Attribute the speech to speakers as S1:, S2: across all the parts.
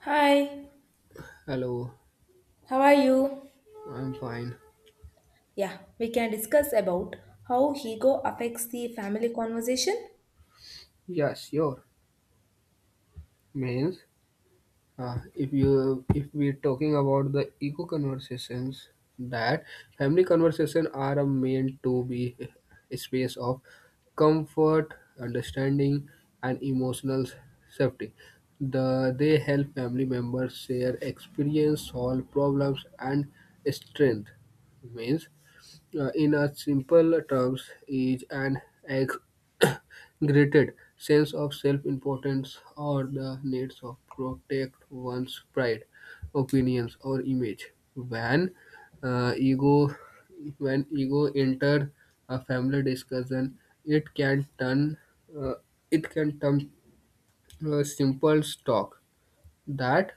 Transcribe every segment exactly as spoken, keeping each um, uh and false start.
S1: Hi,
S2: Hello,
S1: how are you?
S2: I'm fine.
S1: Yeah, we can discuss about how ego affects the family conversation.
S2: Yeah, sure. Means, uh, if you if we're talking about the eco conversations, that family conversation are a meant to be a space of comfort, understanding, and emotional safety. The they help family members share experience, solve problems, and strength. Means uh, in a simple terms, is an exaggerated sense of self-importance or the needs of protect one's pride, opinions, or image. When uh, ego when ego enter a family discussion, it can turn uh, it can turn uh, simple talk that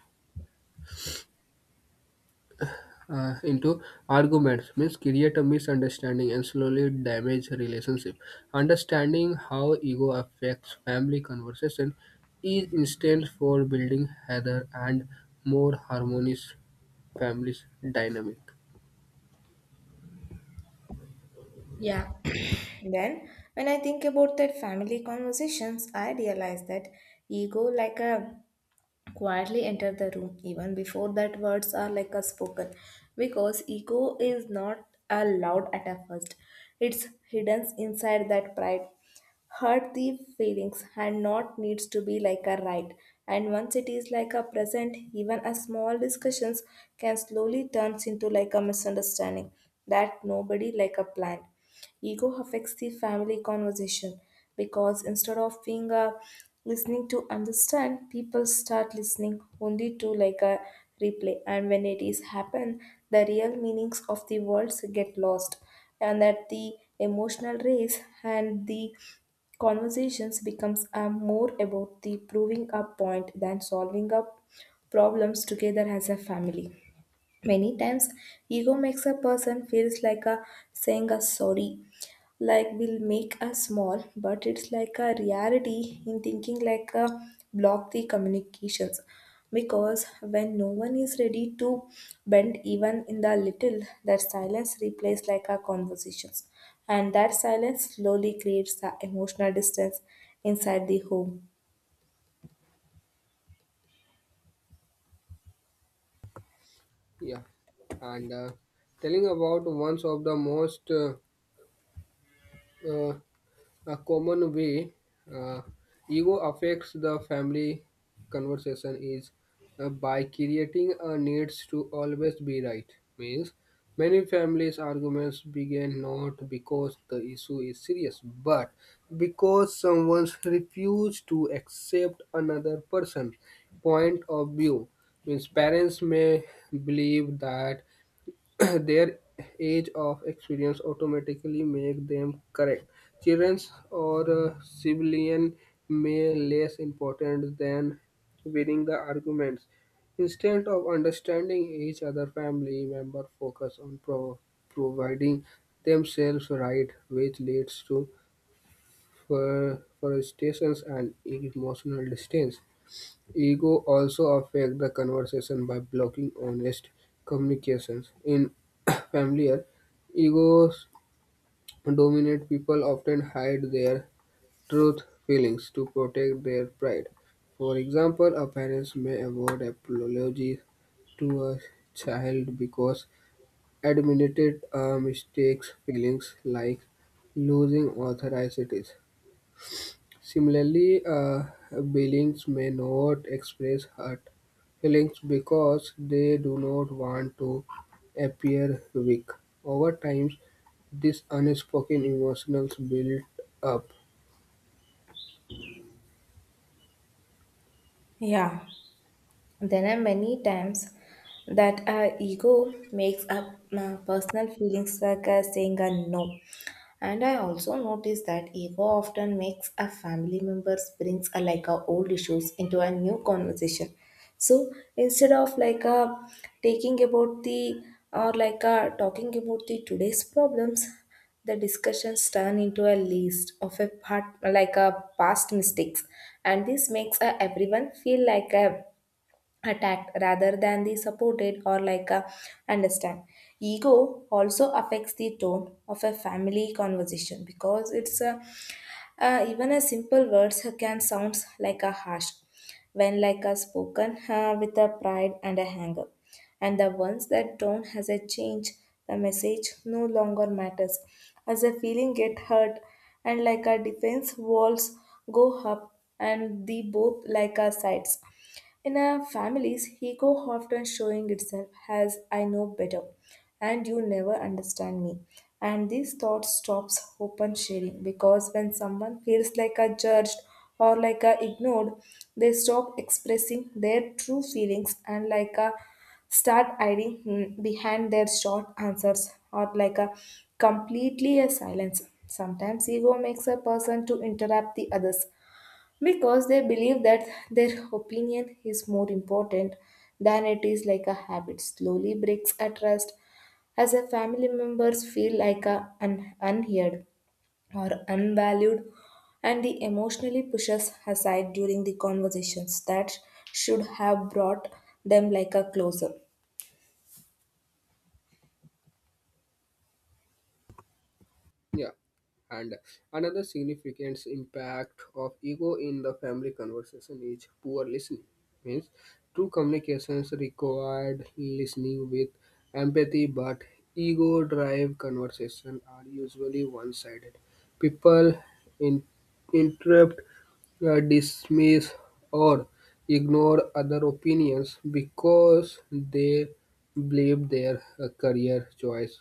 S2: uh, into arguments means create a misunderstanding and slowly damage relationship understanding how ego affects family conversation is instance for building heather and more harmonious families dynamic.
S1: Yeah, then, when I think about that family conversations, I realize that ego like a quietly enter the room even before that words are like a spoken, because ego is not allowed at a first. It's hidden inside that pride, hurt the feelings and not needs to be like a right, and once it is like a present, even a small discussions can slowly turns into like a misunderstanding that nobody like a plan. Ego affects the family conversation because instead of being a listening to understand, people start listening only to like a replay, and when it is happen, the real meanings of the words get lost and that the emotional race, and the conversations becomes uh, more about the proving a point than solving up problems together as a family. Many times ego makes a person feels like a saying a sorry like will make us small, but it's like a reality in thinking like a block the communications, because when no one is ready to bend even in the little, that silence replaces like our conversations, and that silence slowly creates the emotional distance inside the home.
S2: Yeah, and uh, telling about one of the most uh, uh, a common way uh, ego affects the family conversation is uh, by creating a needs to always be right. Means many families' arguments begin not because the issue is serious, but because someone refuses to accept another person's point of view. Means parents may believe that their age of experience automatically make them correct. Children's or uh, civilian may less important than winning the arguments. Instead of understanding each other, family member focus on pro- providing themselves right, which leads to fr- frustrations and emotional distance. Ego also affects the conversation by blocking honest communications. In familiar, egos dominate people often hide their truth feelings to protect their pride. For example, a parent may avoid apology to a child because admitted uh, mistakes feelings like losing authority. Similarly, uh, Billings may not express hurt feelings because they do not want to appear weak. Over time, this unspoken emotions build up.
S1: Yeah, there are many times that our ego makes up uh, personal feelings like uh, saying a no. And I also noticed that ego often makes a family members brings a, like a old issues into a new conversation. So instead of like a taking about the, or like a talking about the today's problems, the discussions turn into a list of a part, like a past mistakes, and this makes a, everyone feel like a attacked rather than the supported, or like a understand. Ego also affects the tone of a family conversation because it's a, uh, even a simple words can sound like a harsh when like a spoken uh, with a pride and a anger, and the ones that don't has a change, the message no longer matters as a feeling get hurt, and like our defense walls go up, and the both like our sides in our families, ego often showing itself as I know better and you never understand me, and this thought stops open sharing, because when someone feels like a judged or like a ignored, they stop expressing their true feelings and like a start hiding hmm, behind their short answers or like a completely a silence. Sometimes ego makes a person to interrupt the others because they believe that their opinion is more important than it is, like a habit slowly breaks a trust, as a family members feel like a un- unheard or unvalued, and the emotionally pushes aside during the conversations that should have brought them like a closer.
S2: Yeah, and another significant impact of ego in the family conversation is poor listening. Means true communications required listening with empathy, but ego driven conversations are usually one sided. People in- interrupt, uh, dismiss, or ignore other opinions because they believe their uh, career choice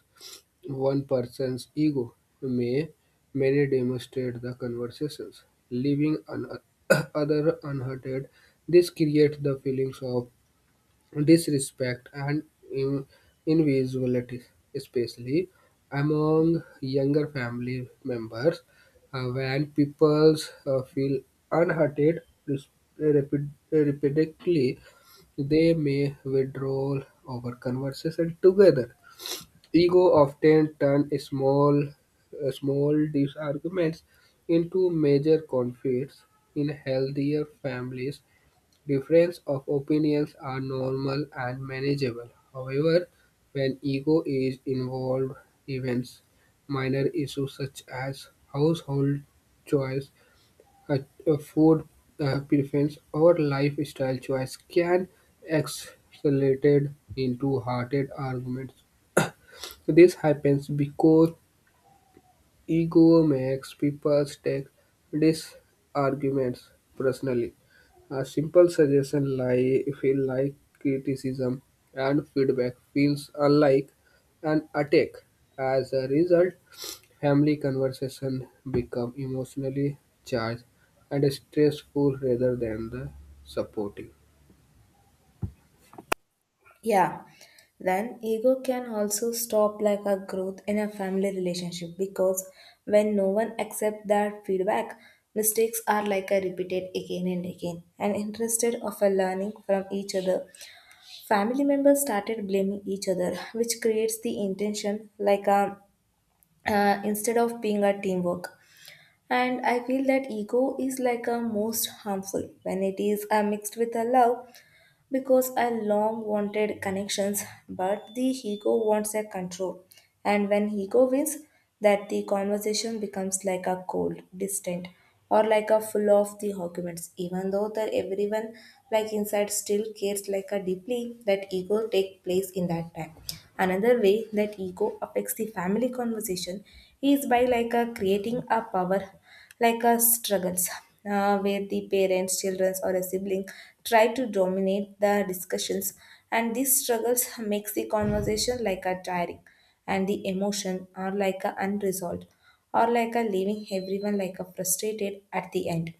S2: one person's ego may many demonstrate the conversations, leaving an other unheard. This creates the feelings of disrespect and in- invisibility, especially among younger family members. Uh, when people uh, feel unheard res- repeat- repeatedly, they may withdraw over conversation together. Ego often turn small uh, small disagreements into major conflicts. In healthier families, differences of opinions are normal and manageable. However, when ego is involved, even minor issues such as household choice, uh, uh, food uh, preference, or lifestyle choice can escalate into heated arguments. So, this happens because ego makes people take these arguments personally. A simple suggestion like feel like criticism and feedback feels unlike an attack. As a result, family conversation become emotionally charged and stressful rather than the supportive.
S1: Yeah, then ego can also stop like a growth in a family relationship, because when no one accepts that feedback, mistakes are like a repeated again and again. And instead of a learning from each other, family members started blaming each other, which creates the intention like a uh, instead of being a teamwork. And I feel that ego is like a most harmful when it is uh, mixed with a love, because I long wanted connections, but the ego wants a control. And when ego wins, that the conversation becomes like a cold, distant, or like a full of the arguments, even though that everyone like inside still cares like a deeply, that ego take place in that time. Another way that ego affects the family conversation is by like a creating a power like a struggles, uh, where the parents, children, or a sibling try to dominate the discussions, and these struggles makes the conversation like a tiring, and the emotion are like a unresolved, or like a leaving everyone like a frustrated at the end.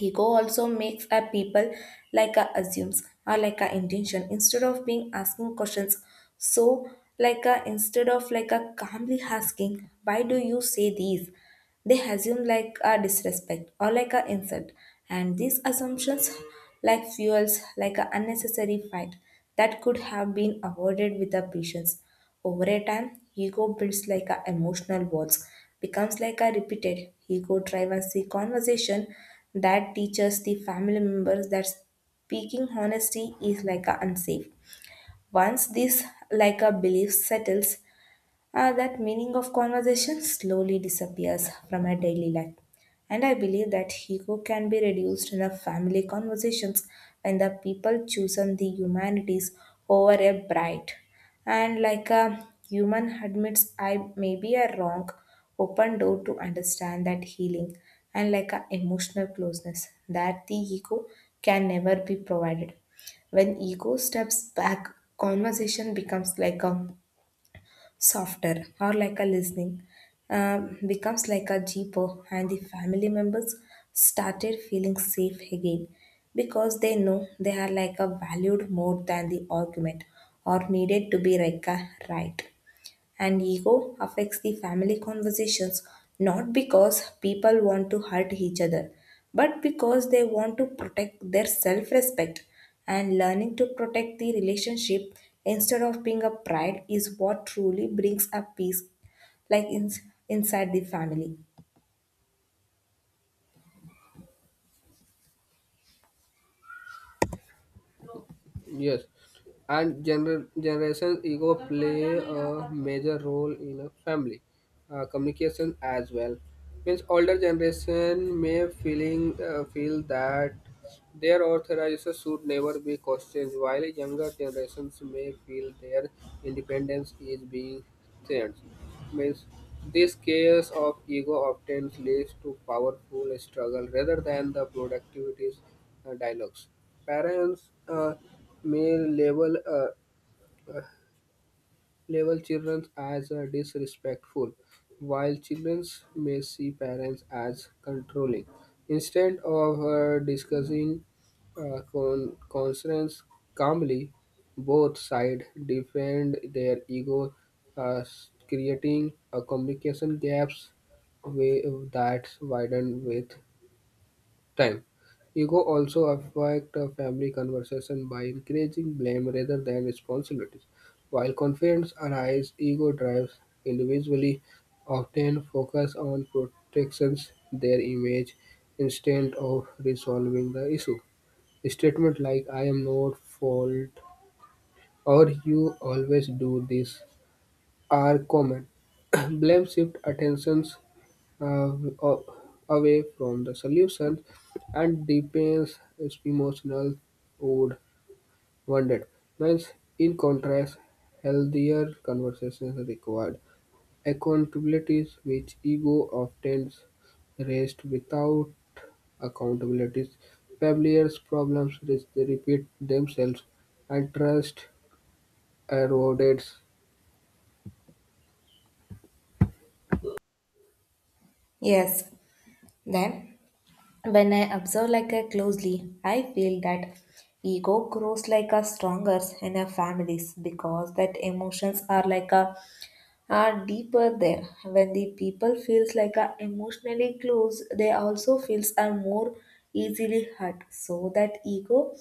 S1: Ego also makes a people like a assumes or like a intention instead of being asking questions. So like a instead of like a calmly asking, why do you say these? They assume like a disrespect or like a insult. And these assumptions like fuels like a unnecessary fight that could have been avoided with a patience. Over a time, ego builds like a emotional walls, becomes like a repeated ego drives the conversation that teaches the family members that speaking honesty is like a unsafe. Once this like a belief settles, uh, that meaning of conversation slowly disappears from our daily life. And I believe that ego can be reduced in a family conversations when the people choose on the humanities over a bright. And like a human admits I may be a wrong, open door to understand that healing and like a emotional closeness that the ego can never be provided. When ego steps back, conversation becomes like a softer, or like a listening um, becomes like a jeeper, and the family members started feeling safe again because they know they are like a valued more than the argument or needed to be like a right. And ego affects the family conversations not because people want to hurt each other, but because they want to protect their self respect, and learning to protect the relationship instead of being a pride is what truly brings a peace, like in, inside the family.
S2: Yes, and gener- generation ego play a major role in a family uh, communication as well. Means older generation may feeling uh, feel that their authorization should never be questioned, while younger generations may feel their independence is being threatened. Means this chaos of ego often leads to powerful struggle rather than the productivity uh, dialogues. Parents uh, may label uh, label children as uh, disrespectful, while children may see parents as controlling. Instead of uh, discussing uh, con- concerns calmly, both sides defend their ego, uh, s- creating a communication gaps way that widen with time. Ego also affects a family conversation by encouraging blame rather than responsibilities. While confidence arises, ego drives individually often focus on protections their image instead of resolving the issue. Statement like I am not fault or you always do this are common. Blame shift attentions uh, a- away from the solution and deepens its emotional wound wounded. Means, in contrast, healthier conversations are required accountabilities which ego often raised without accountabilities. Familiar problems re- repeat themselves and trust erodes.
S1: Yes, then when I observe like I closely, I feel that ego grows like a stronger in our families because that emotions are like a are deeper there. When the people feels like a emotionally close, they also feels are more easily hurt. So that ego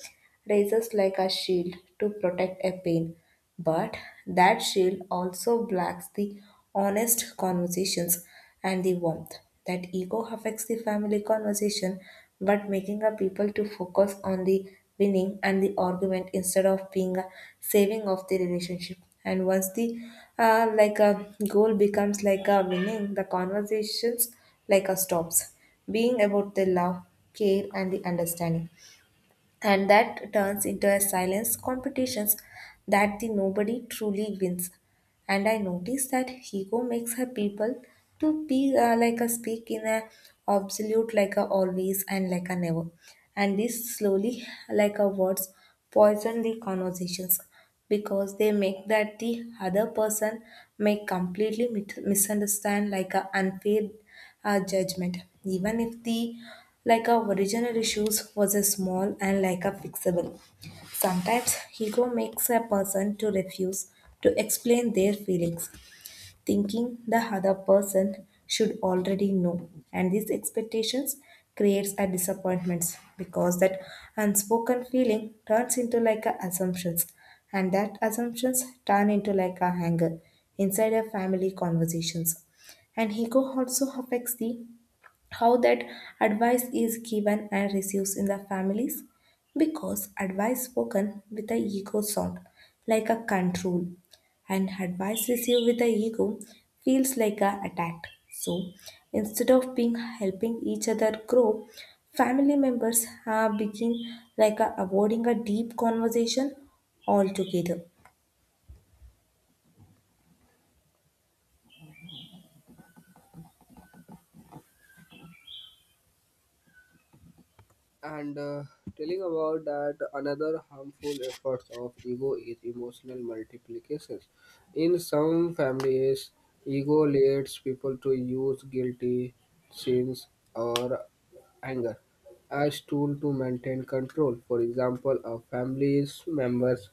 S1: raises like a shield to protect a pain. But that shield also blocks the honest conversations and the warmth. That ego affects the family conversation but making a people to focus on the winning and the argument instead of being a saving of the relationship, and once the uh, like a goal becomes like a winning, the conversations like a stops being about the love, care and the understanding, and that turns into a silence competitions that the nobody truly wins. And I noticed that ego makes her people to be uh, like a speak in a absolute, like a always and like a never, and this slowly like a words poison the conversations because they make that the other person may completely mit- misunderstand like a unfair uh, judgment, even if the like a original issues was a small and like a fixable. Sometimes ego makes a person to refuse to explain their feelings, thinking the other person should already know. And these expectations creates a disappointments because that unspoken feeling turns into like a assumptions, and that assumptions turn into like a anger inside a family conversations. And ego also affects the how that advice is given and received in the families, because advice spoken with the ego sound like a control, and advice received with the ego feels like a attack. So instead of being helping each other grow, family members are begin like a, avoiding a deep conversation altogether.
S2: And uh, telling about that another harmful effort of ego is emotional multiplications. In some families, ego leads people to use guilty sins or anger as tool to maintain control. For example, a family's members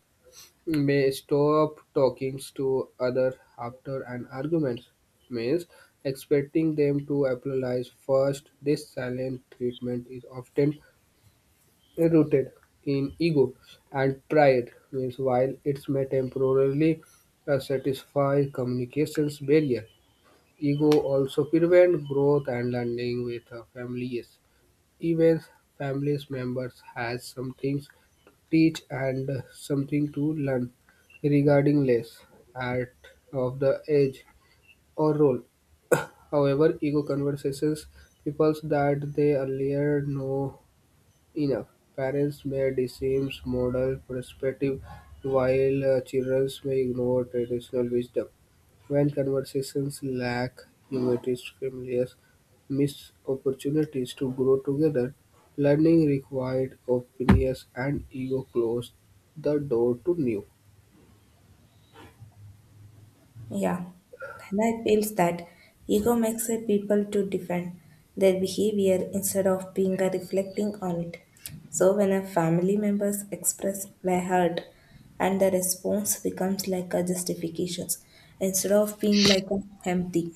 S2: may stop talking to other after an argument means expecting them to apologize first. This silent treatment is often rooted in ego and pride, means while it may temporarily uh, satisfy communications barrier, ego also prevent growth and learning with uh, families. Even families members has some things to teach and uh, something to learn regarding less at of the age or role. However, ego conversations peoples that they earlier know enough. Parents may dismiss modern perspective while uh, children may ignore traditional wisdom. When conversations lack humility, families miss opportunities to grow together. Learning required openness and ego close the door to new.
S1: Yeah, and I feels that ego makes a people to defend their behavior instead of being a reflecting on it. So when a family members express their hurt, and the response becomes like a justifications instead of being like a empty,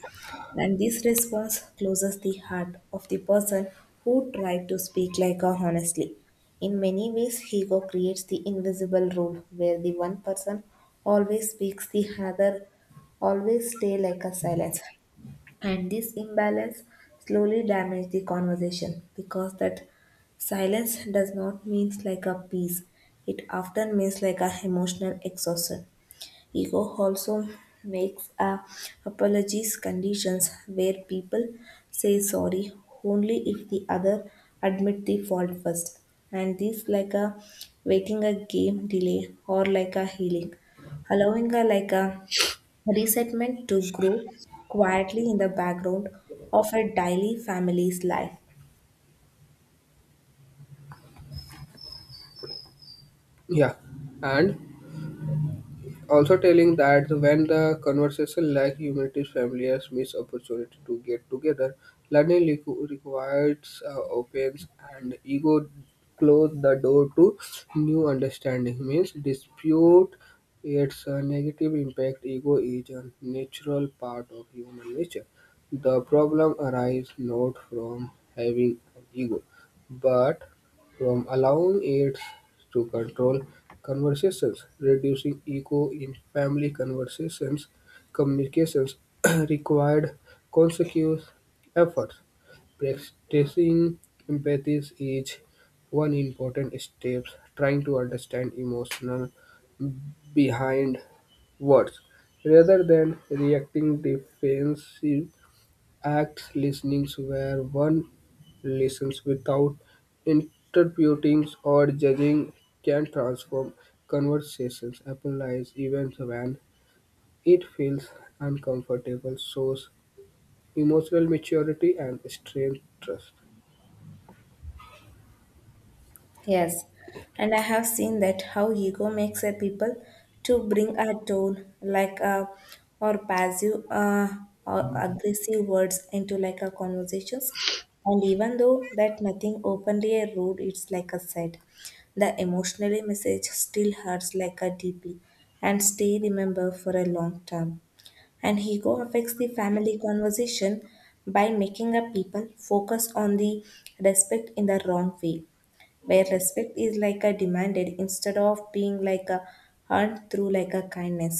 S1: and this response closes the heart of the person who tried to speak like a honestly. In many ways, ego creates the invisible rule where the one person always speaks, the other always stay like a silence. And this imbalance slowly damages the conversation because that silence does not mean like a peace. It often means like a emotional exhaustion. Ego also makes a apologies conditions where people say sorry only if the other admit the fault first. And this like a waiting a game delay, or like a healing, allowing a like a resentment to grow quietly in the background of a daily family's life.
S2: Yeah, and also telling that when the conversation like humanities families miss opportunity to get together, learning requ- requires uh, opens and ego close the door to new understanding means dispute its uh, negative impact ego is a natural part of human nature the problem arises not from having an ego but from allowing aides to control conversations, reducing echo in family conversations, communications required consecutive efforts. Practicing empathy is one important step, trying to understand emotional behind words rather than reacting defensive. Act listenings where one listens without interpreting or judging can transform conversations, analyze events when it feels uncomfortable, shows emotional maturity and strength trust.
S1: Yes, and I have seen that how ego makes a people to bring a tone like a or passive uh, or aggressive words into like a conversations, and even though that nothing openly a rude, it's like a said, the emotionally message still hurts like a deeply and stay remember for a long term. And ego affects the family conversation by making up people focus on the respect in the wrong way, where respect is like a demanded instead of being like a earned through like a kindness,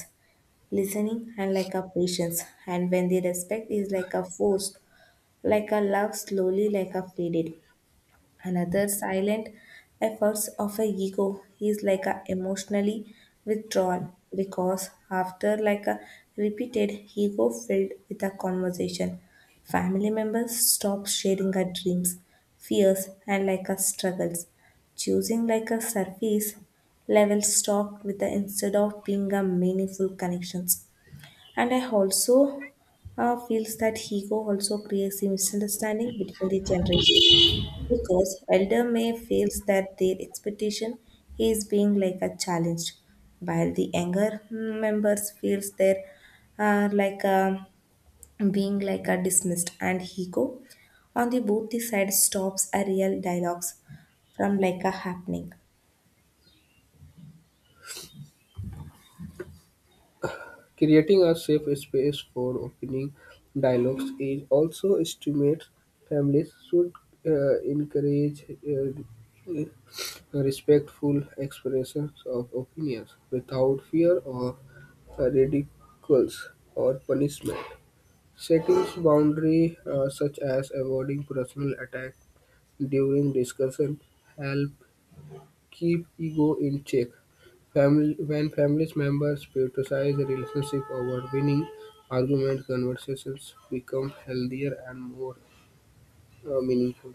S1: listening and like a patience, and when the respect is like a forced, like a love slowly like a faded. Another silent efforts of a ego is like a emotionally withdrawal, because after like a repeated ego filled with a conversation, family members stop sharing our dreams, fears and like our struggles, choosing like a surface level talk with the instead of being a meaningful connections. And I also uh, feels that ego also creates a misunderstanding between the generations because Elder May feels that their expectation is being like a challenge, while the younger members feels their uh, like a, being like a dismissed, and ego on the both the sides stops a real dialogues from like a happening.
S2: Creating a safe space for opening dialogues is also estimates families should uh, encourage uh, respectful expressions of opinions without fear of ridicules or punishment. Setting boundaries uh, such as avoiding personal attack during discussion help keep ego in check. Family, when family members prioritize the relationship over winning, argument conversations become healthier and more uh, meaningful.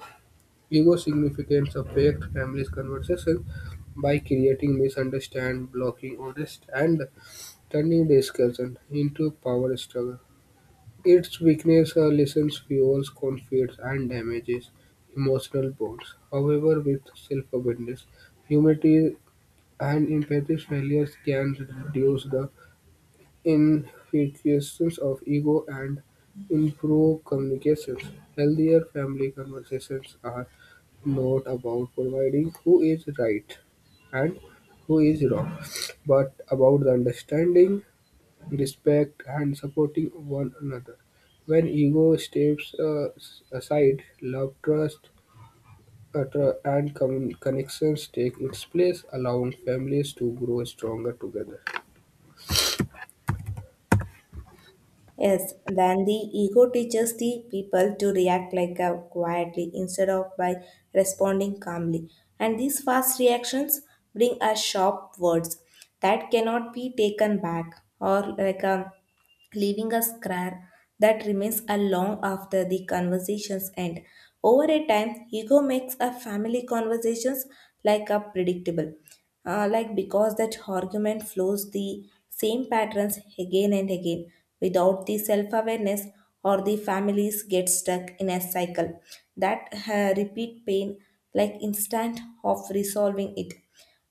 S2: Ego significance affect families' conversation by creating misunderstanding, blocking honest, and turning discussion into a power struggle. Its weakness are lessons fuels conflicts and damages emotional bonds. However, with self-awareness, humility, and empathy, failures can reduce the infiltrations of ego and improve communications. Healthier family conversations are not about providing who is right and who is wrong, but about the understanding, respect, and supporting one another. When ego steps uh, s- aside, love, trust, uh, and com- connections take its place, allowing families to grow stronger together.
S1: Yes, then the ego teaches the people to react like a quietly instead of by responding calmly. And these fast reactions bring us sharp words that cannot be taken back or like a leaving a scar that remains a long after the conversations end. Over a time, ego makes a family conversations like a predictable, uh, like because that argument flows the same patterns again and again without the self-awareness, or the families get stuck in a cycle that uh, repeat pain like instant of resolving it.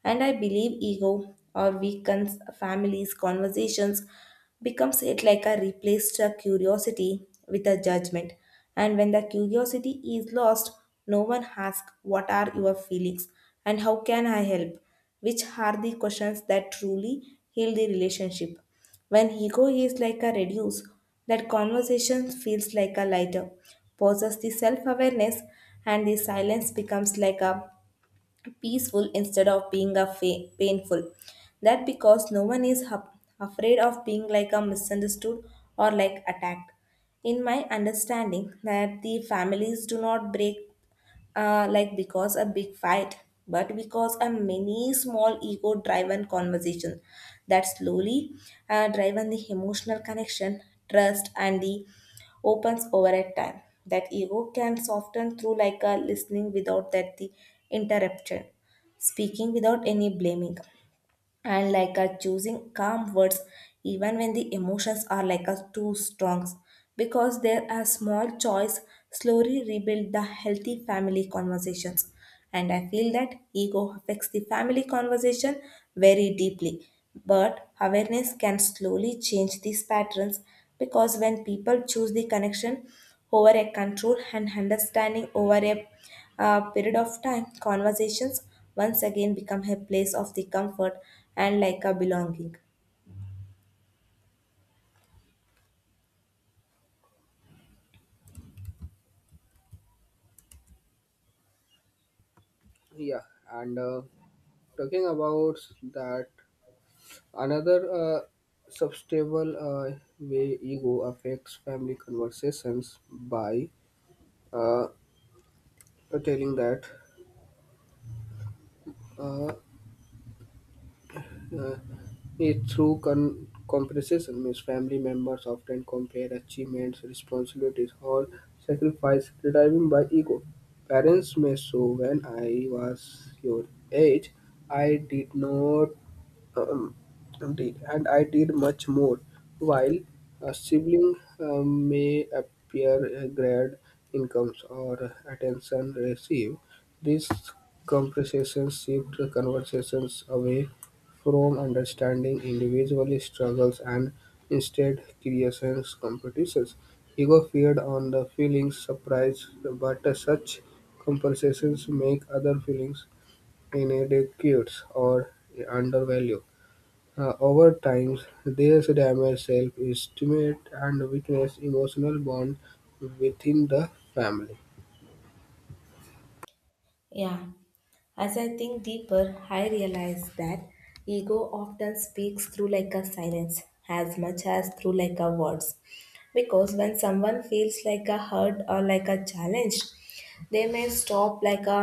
S1: And I believe ego or weakens families conversations becomes it like a replaced uh, curiosity with a judgment. And when the curiosity is lost, no one asks, what are your feelings? And how can I help? Which are the questions that truly heal the relationship. When ego is like a reduce, that conversation feels like a lighter, poses the self awareness, and the silence becomes like a peaceful instead of being a fa- painful. That because no one is hap- afraid of being like a misunderstood or like attacked. In my understanding, that the families do not break uh, like because a big fight, but because a many small ego driven conversation that slowly uh, driven the emotional connection, trust, and the opens over at time. That ego can soften through like a listening without that the interruption, speaking without any blaming, and like a choosing calm words even when the emotions are like a too strong, because there are small choice slowly rebuild the healthy family conversations. And I feel that ego affects the family conversation very deeply, but awareness can slowly change these patterns because when people choose the connection over a control and understanding over a a period of time, conversations once again become a place of the comfort and like a belonging.
S2: Yeah, and uh, talking about that another uh, substable uh, way ego affects family conversations by uh, telling that uh, uh, it through con- comparison means family members often compare achievements responsibilities or sacrifice driven by ego parents may show when I was your age I did not um, did, and I did much more. While a sibling uh, may appear uh, grad incomes or attention received, these conversations shift the conversations away from understanding individual struggles and instead creations competitions. Ego feed on the feelings surprise, but such compensations make other feelings inadequate or undervalued. Uh, over time, this damages self-esteem and weakens emotional bond within the family.
S1: Yeah. As I think deeper, I realize that ego often speaks through like a silence as much as through like a words. Because when someone feels like a hurt or like a challenge, they may stop like a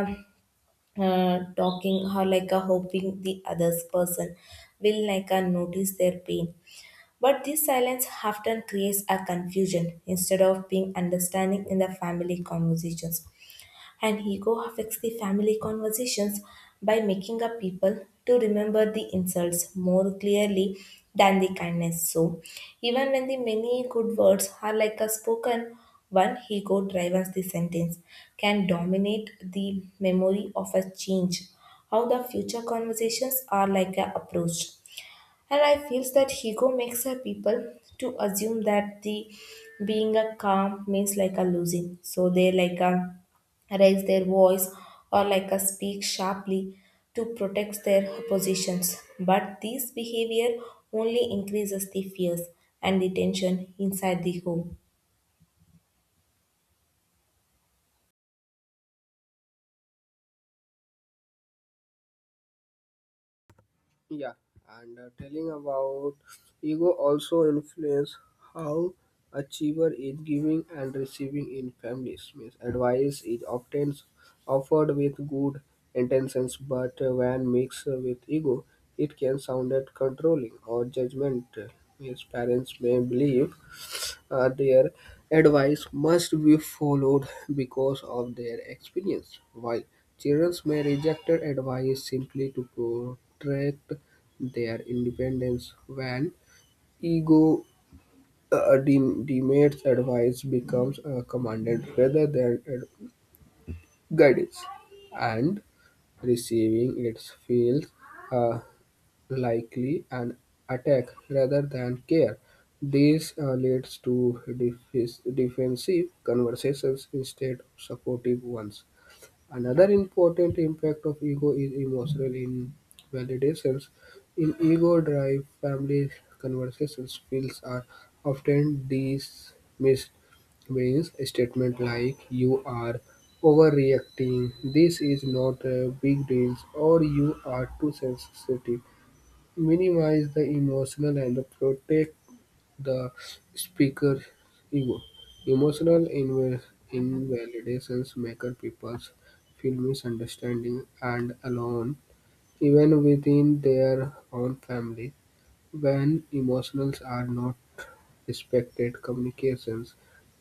S1: uh, talking or like a hoping the other person will like a notice their pain. But this silence often creates a confusion instead of being understanding in the family conversations. And ego affects the family conversations by making up people to remember the insults more clearly than the kindness. So even when the many good words are like a spoken, one ego drives the sentence can dominate the memory of a change how the future conversations are like a approach. And I feel that ego makes her people to assume that the being a calm means like a losing. So they like a raise their voice or like a speak sharply to protect their positions. But this behavior only increases the fears and the tension inside the home.
S2: Yeah, and uh, telling about ego also influence how achiever is giving and receiving in families. Means advice is often offered with good intentions, but uh, when mixed with ego, it can sound controlling or judgmental. Means parents may believe Uh, their advice must be followed because of their experience. While children may reject advice simply to protect their independence, when ego uh, de- demands advice becomes a commanded rather than a guidance, and receiving it feels likely an attack rather than care, this uh, leads to defi- defensive conversations instead of supportive ones. Another important impact of ego is emotional invalidations. In ego-driven family conversations, feels are often dismissed means a statement like you are overreacting this is not a big deal or you are too sensitive minimize the emotional and protect the speaker. Ego. Emotional inv- invalidations make people feel misunderstanding and alone, even within their own family. When emotions are not respected, communications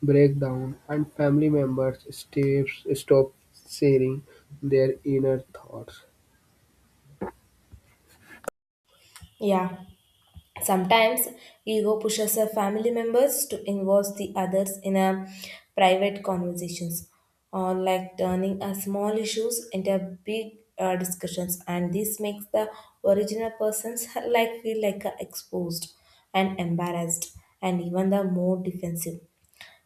S2: break down, and family members steps, stop sharing their inner thoughts.
S1: Yeah. Sometimes ego pushes our family members to involve the others in our private conversations, or like turning our small issues into big uh, discussions, and this makes the original persons like feel like uh, exposed and embarrassed, and even the more defensive.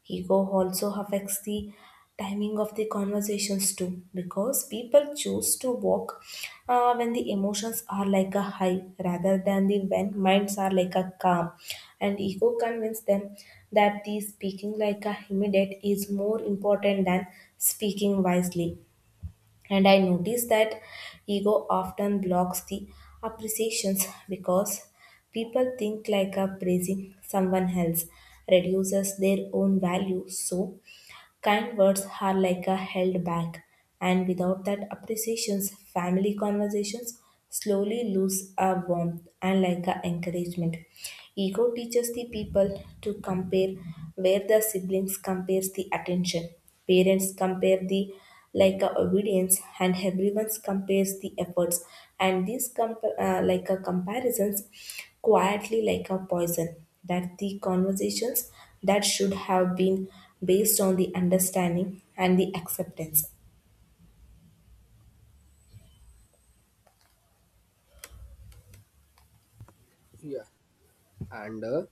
S1: Ego also affects the timing of the conversations too, because people choose to walk uh, when the emotions are like a high rather than the when minds are like a calm. And ego convinces them that the speaking like a immediate is more important than speaking wisely. And I notice that ego often blocks the appreciations because people think like a praising someone else reduces their own value. So kind words are like a held back. And without that appreciations, family conversations slowly lose a warmth and like a encouragement. Ego teaches the people to compare, where the siblings compares the attention, parents compare the like a obedience, and everyone compares the efforts. And these comp- uh, like a comparisons quietly like a poison that the conversations that should have been based on the understanding and the acceptance.
S2: Yeah, and uh,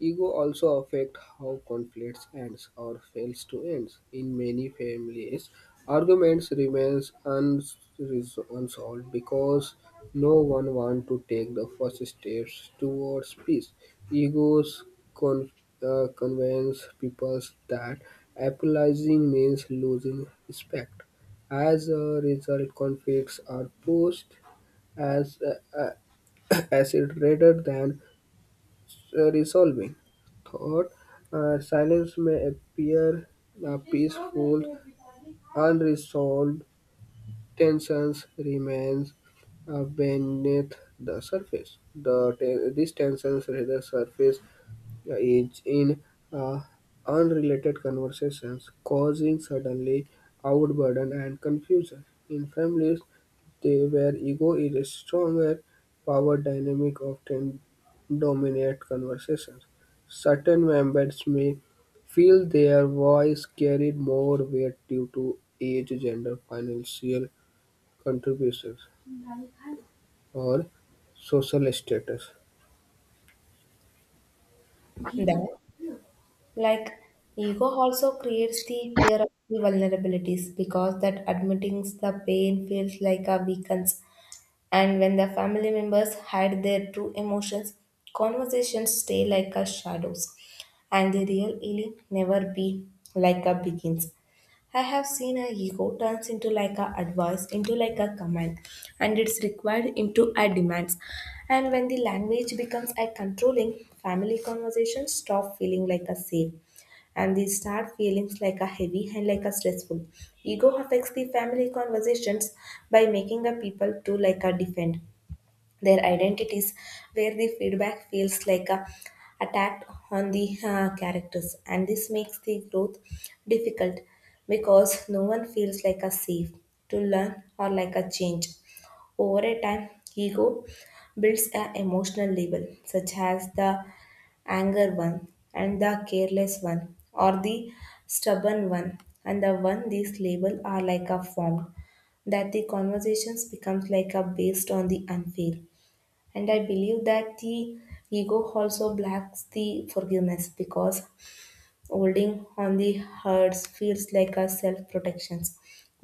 S2: ego also affects how conflicts ends or fails to end. In many families, arguments remains unres- unsolved because no one wants to take the first steps towards peace. Egos con- uh, convince people that apologizing means losing respect. As a result, conflicts are pushed as uh, uh, acid rather than uh, resolving thought, uh, silence may appear uh, peaceful. Unresolved tensions remains uh, beneath the surface. The te- these tensions rather surface engage in uh, unrelated conversations, causing suddenly outburden and confusion. In families, they where ego is stronger, power dynamic often dominate conversations. Certain members may feel their voice carried more weight due to age, gender, financial contributions, or social status.
S1: Then like ego also creates the fear of the vulnerabilities because that admitting the pain feels like a weakens. And when the family members hide their true emotions, conversations stay like a shadows, and the real healing never be like a begins. I have seen a ego turns into like a advice, into like a command, and it's required into a demands. And when the language becomes a controlling, family conversations stop feeling like a safe, and these start feelings like a heavy and like a stressful. Ego affects the family conversations by making a people to like a defend their identities, where the feedback feels like a attack on the uh, characters, and this makes the growth difficult because no one feels like a safe to learn or like a change. Over a time, ego builds a emotional label, such as the anger one and the careless one or the stubborn one and the one. These label are like a form that the conversations becomes like a based on the unfair. And I believe that the ego also blocks the forgiveness because holding on the hurts feels like a self protection,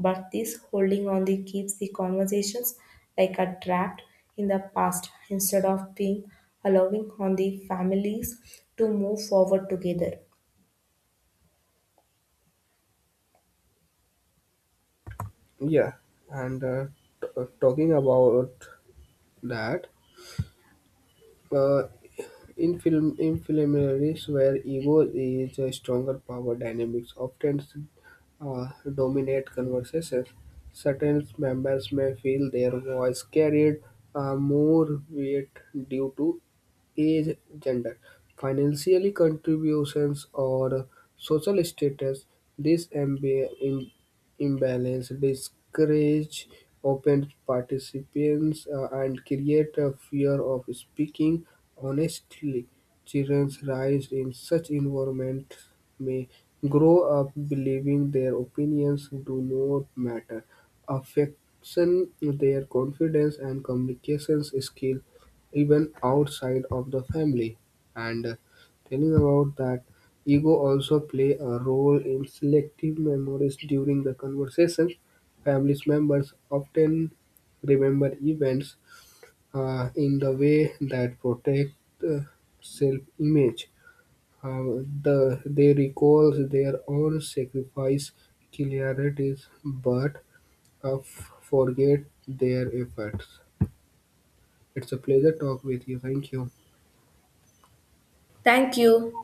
S1: but this holding on the keeps the conversations like a trapped in the past instead of being allowing on the families to move forward together.
S2: Yeah, and uh, t- uh, talking about that, uh, in film in filminaries where ego is a stronger power dynamics often uh, dominate conversations. Certain members may feel their voice carried uh, more weight due to age, gender, financially contributions, or social status. This imba- im- imbalance discourages open participants uh, and create a fear of speaking honestly. Children raised in such environments may grow up believing their opinions do not matter, affecting their confidence and communications skill even outside of the family. And uh, telling about that, ego also play a role in selective memories during the conversation. Family members often remember events uh, in the way that protect uh, self-image. Uh, the, they recall their own sacrifice, clearities, but uh, f- forget their efforts. It's a pleasure talk with you. Thank you.
S1: Thank you.